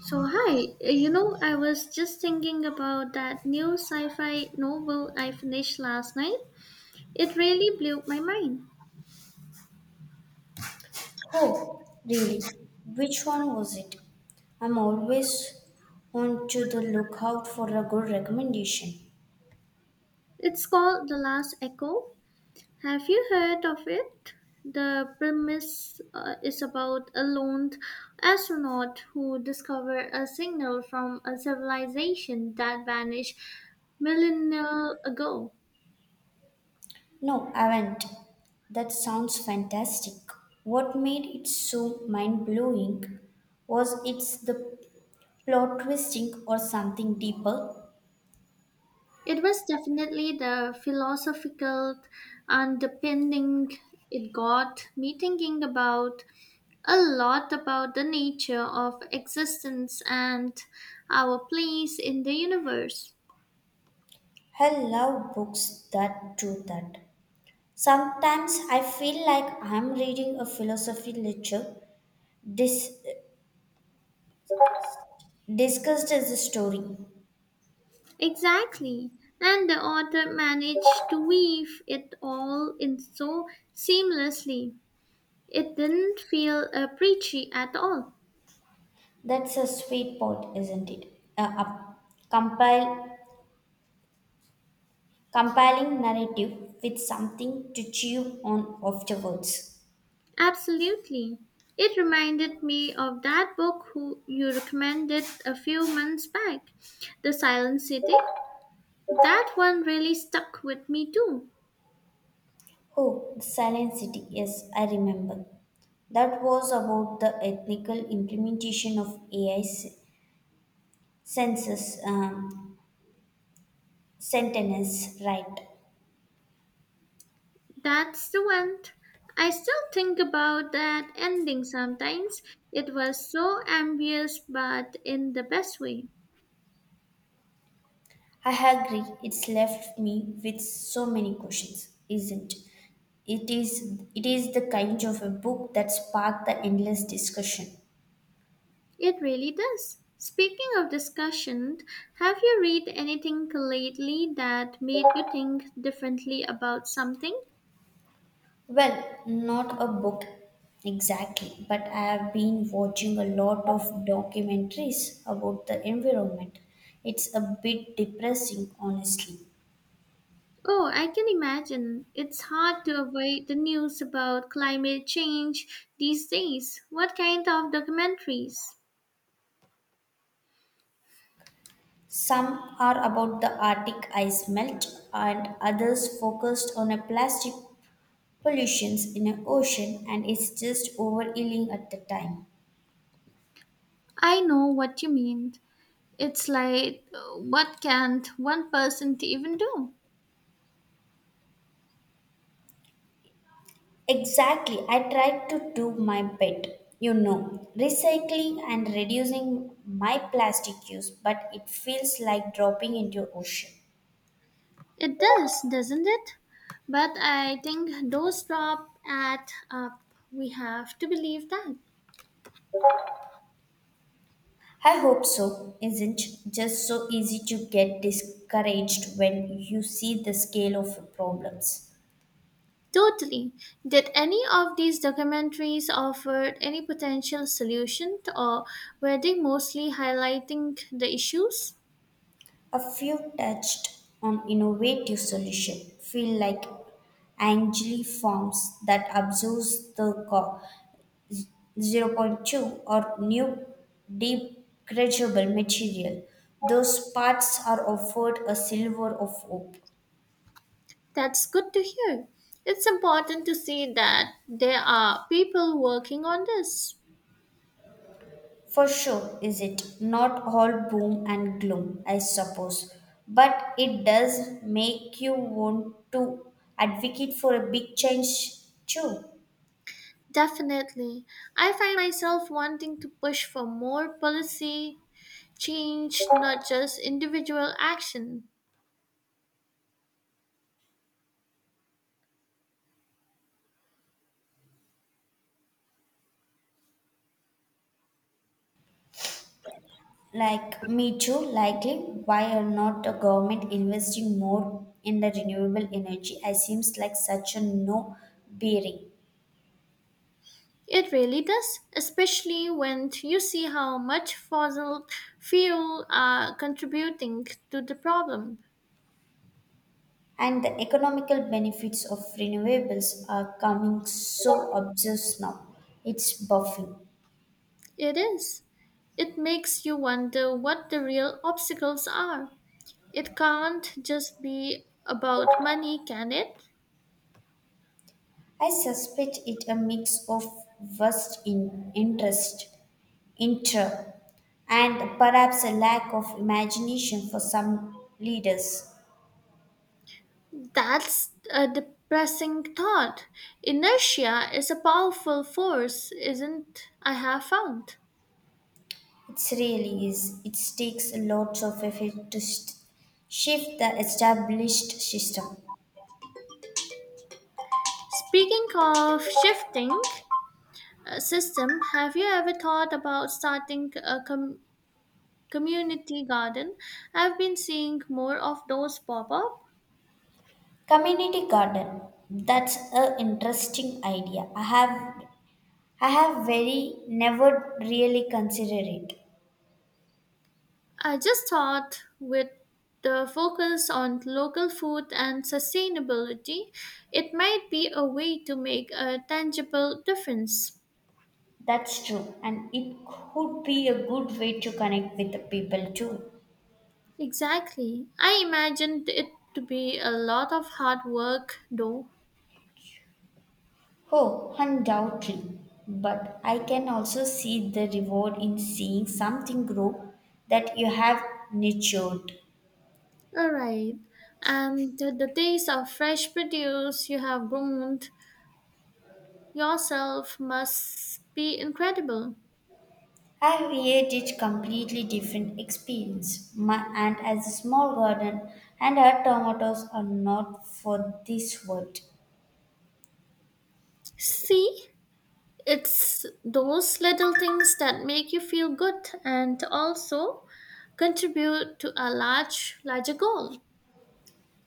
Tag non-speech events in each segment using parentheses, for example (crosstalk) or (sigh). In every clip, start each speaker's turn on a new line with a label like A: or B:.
A: So, hi, I was just thinking about that new sci fi novel I finished last night. It really blew my mind.
B: Oh, really? Which one was it? I'm always on to the lookout for a good recommendation.
A: It's called The Last Echo. Have you heard of it? The premise is about a lone astronaut who discovered a signal from a civilization that vanished millennia ago.
B: No, I haven't. That sounds fantastic. What made it so mind blowing? Was it the plot twisting or something deeper?
A: It was definitely the philosophical underpinning it got me thinking about a lot about the nature of existence and our place in the universe.
B: I love books that do that. Sometimes I feel like I'm reading a philosophy lecture dis- discussed as a story.
A: Exactly. And the author managed to weave it all in so seamlessly. It didn't feel preachy at all.
B: That's a sweet point, isn't it? A compile, compiling narrative with something to chew on afterwards.
A: Absolutely. It reminded me of that book who you recommended a few months back, The Silent City. That one really stuck with me too.
B: Oh, the Silent City. Yes, I remember. That was about the ethical implementation of AI's census sentences, right?
A: That's the one. I still think about that ending sometimes. It was so ambiguous, but in the best way.
B: I agree. It's left me with so many questions, isn't it? It is the kind of a book that sparked the endless discussion.
A: It really does. Speaking of discussion, have you read anything lately that made you think differently about something?
B: Well, not a book exactly, but I have been watching a lot of documentaries about the environment. It's a bit depressing, honestly.
A: Oh, I can imagine. It's hard to avoid the news about climate change these days. What kind of documentaries?
B: Some are about the Arctic ice melt, and others focused on a plastic pollutions in an ocean, and it's just overeating at the time.
A: I know what you mean. It's like, what can't one person to even do?
B: Exactly. I tried to do my bit, you know, recycling and reducing my plastic use, but it feels like dropping into ocean.
A: It does, doesn't it? But I think those drop at up. We have to believe that.
B: I hope so. Isn't just so easy to get discouraged when you see the scale of the problems.
A: Totally. Did any of these documentaries offer any potential solution or were they mostly highlighting the issues?
B: A few touched on innovative solution feel like Angeli forms that absorbs the zero point 0.2 or new degradable material. Those parts are offered a silver of hope.
A: That's good to hear. It's important to see that there are people working on this.
B: For sure, is it not all boom and gloom, I suppose, but it does make you want to advocate for a big change too.
A: Definitely. I find myself wanting to push for more policy change, not just individual action.
B: Like me too, likely why are not the government investing more in the renewable energy? I seems like such a no bearing.
A: It really does, especially when you see how much fossil fuel are contributing to the problem.
B: And the economical benefits of renewables are coming so obvious now. It's buffing.
A: It is. It makes you wonder what the real obstacles are. It can't just be about money, can it?
B: I suspect it a mix of vast in interest, inter, and perhaps a lack of imagination for some leaders.
A: That's a depressing thought. Inertia is a powerful force, isn't I have found.
B: It really is. It takes lots of effort to shift the established system.
A: Speaking of shifting, system, have you ever thought about starting a community garden? I've been seeing more of those pop up.
B: Community garden. That's an interesting idea. I have very never really considered it.
A: I just thought with the focus on local food and sustainability, it might be a way to make a tangible difference.
B: That's true, and it could be a good way to connect with the people too.
A: Exactly. I imagined it to be a lot of hard work, though.
B: Oh, undoubtedly. But I can also see the reward in seeing something grow that you have nurtured.
A: All right. And the taste of fresh produce you have grown yourself must be incredible.
B: I created completely different experience. My aunt has a small garden, and her tomatoes are not for this world.
A: See, it's those little things that make you feel good and also contribute to a large, larger goal.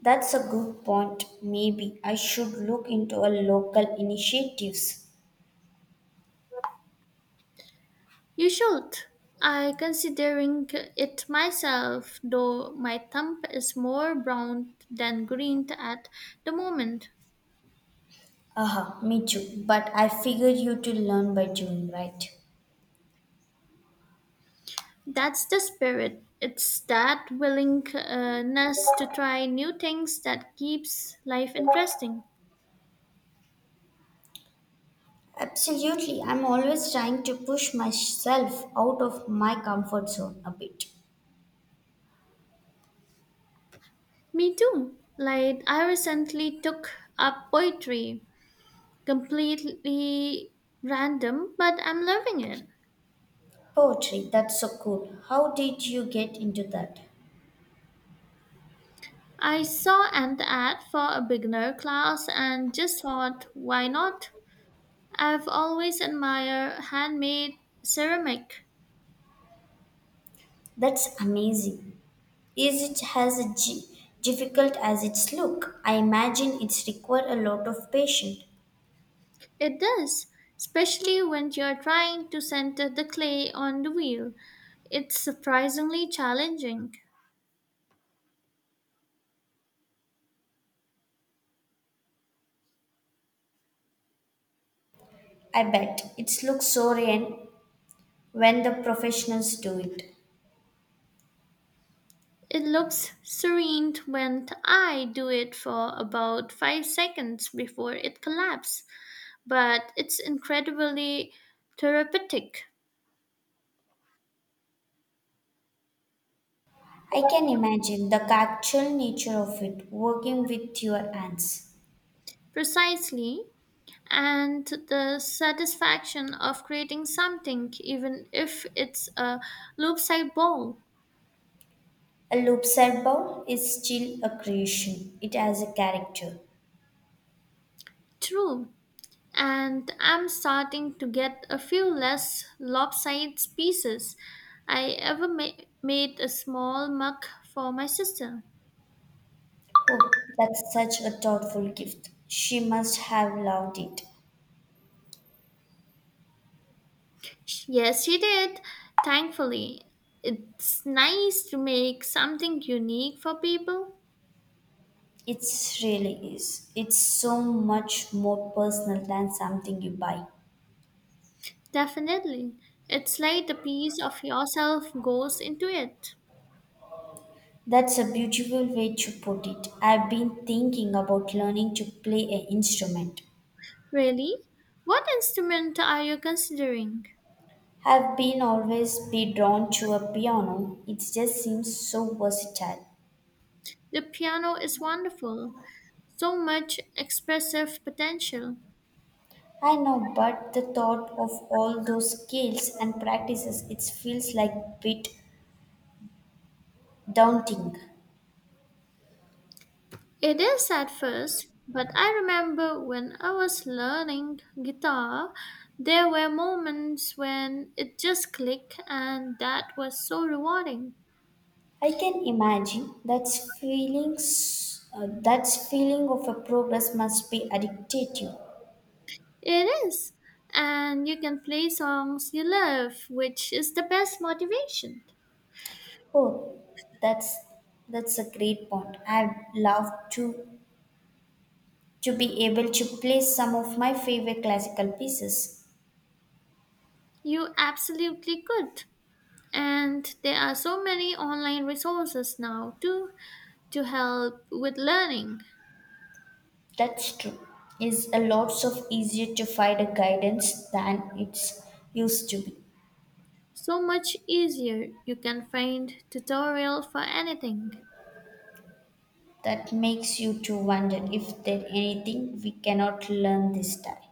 B: That's a good point. Maybe I should look into a local initiatives.
A: You should. I considering it myself, though my thumb is more brown than green at the moment.
B: Aha, me too. But I figure you to learn by doing, right?
A: That's the spirit. It's that willingness to try new things that keeps life interesting.
B: Absolutely. I'm always trying to push myself out of my comfort zone a bit.
A: Me too. Like, I recently took up poetry, completely random, but I'm loving it.
B: Poetry, that's so cool. How did you get into that?
A: I saw an ad for a beginner class and just thought, why not? I've always admired handmade ceramic.
B: That's amazing. Is it as difficult as it's look? I imagine it's require a lot of patience.
A: It does, especially when you're trying to center the clay on the wheel. It's surprisingly challenging.
B: I bet it looks so real when the professionals do it.
A: It looks serene when I do it for about 5 seconds before it collapses, but it's incredibly therapeutic.
B: I can imagine the actual nature of it, working with your hands.
A: Precisely. And the satisfaction of creating something, even if it's a loop side ball.
B: A loop cell bow is still a creation, it has a character.
A: True. And I'm starting to get a few less lopsided pieces. Made a small mug for my sister.
B: Oh, that's such a thoughtful gift. She must have loved it.
A: Yes, she did. Thankfully, it's nice to make something unique for people.
B: It really is. It's so much more personal than something you buy.
A: Definitely. It's like a piece of yourself goes into it.
B: That's a beautiful way to put it. I've been thinking about learning to play an instrument.
A: Really? What instrument are you considering?
B: Have been always be drawn to a piano. It just seems so versatile.
A: The piano is wonderful. So much expressive potential.
B: I know, but the thought of all those skills and practices, it feels like a bit daunting.
A: It is at first, but I remember when I was learning guitar, there were moments when it just clicked, and that was so rewarding.
B: I can imagine that's feelings. That's feeling of a progress must be addictive.
A: It is, and you can play songs you love, which is the best motivation.
B: Oh, that's that's a great point. I'd love to be able to play some of my favorite classical pieces.
A: You absolutely could. And there are so many online resources now too to help with learning.
B: That's true. Is a lots of easier to find a guidance than it's used to be.
A: So much easier. You can find tutorial for anything.
B: That makes you to wonder if there anything we cannot learn this time.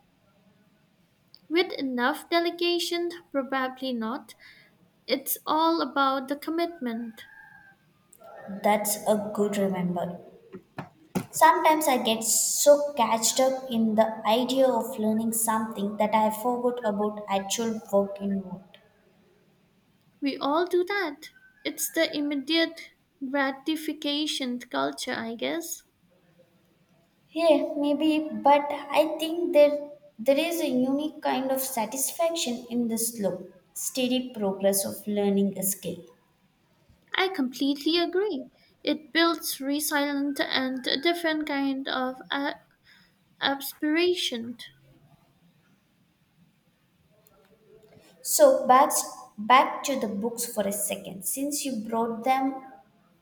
A: With enough delegation, probably not. It's all about the commitment.
B: That's a good remember. Sometimes I get so catched up in the idea of learning something that I forgot about actual work involved.
A: We all do that. It's the immediate gratification culture, I guess.
B: Yeah, maybe, but I think there is a unique kind of satisfaction in the slow, steady progress of learning a skill.
A: I completely agree. It builds resilience and a different kind of aspiration.
B: So back to the books for a second. Since you brought them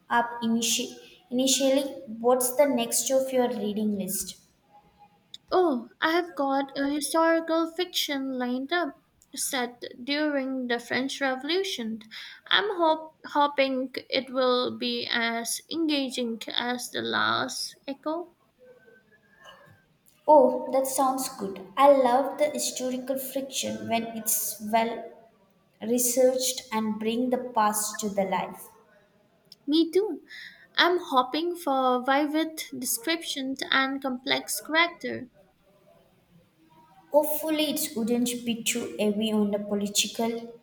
B: up initially, what's the next of your reading list?
A: Oh, I have got a historical fiction lined up set during the French Revolution. I'm hoping it will be as engaging as The Last Echo.
B: Oh, that sounds good. I love the historical fiction when it's well researched and bring the past to the life.
A: Me too. I'm hoping for vivid descriptions and complex character.
B: Hopefully, it wouldn't be too heavy on the political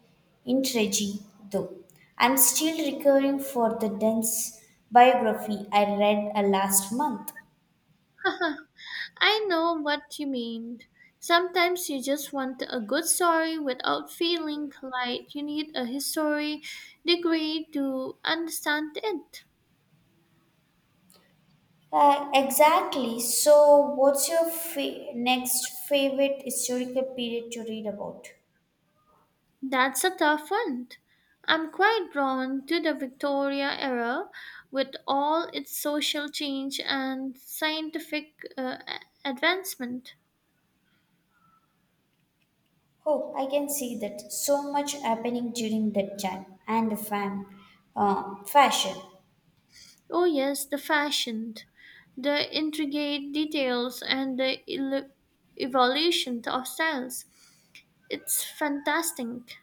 B: intrigue, though. I'm still recovering for the dense biography I read last month.
A: (laughs) I know what you mean. Sometimes you just want a good story without feeling like you need a history degree to understand it.
B: Exactly. So, what's your next favorite historical period to read about?
A: That's a tough one. I'm quite drawn to the Victoria era with all its social change and scientific advancement.
B: Oh, I can see that so much happening during that time and the fashion.
A: Oh, yes, the fashion, the intricate details, and the evolution of styles. It's fantastic.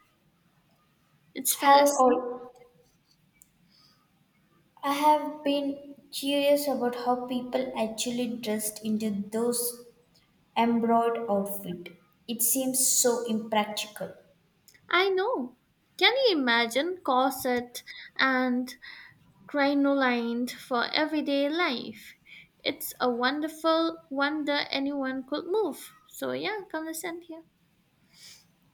A: It's
B: Have
A: fantastic.
B: all I have been curious about how people actually dressed into those embroidered outfit. It seems so impractical.
A: I know. Can you imagine corset and crinoline for everyday life. It's a wonderful wonder anyone could move. So yeah, come listen here.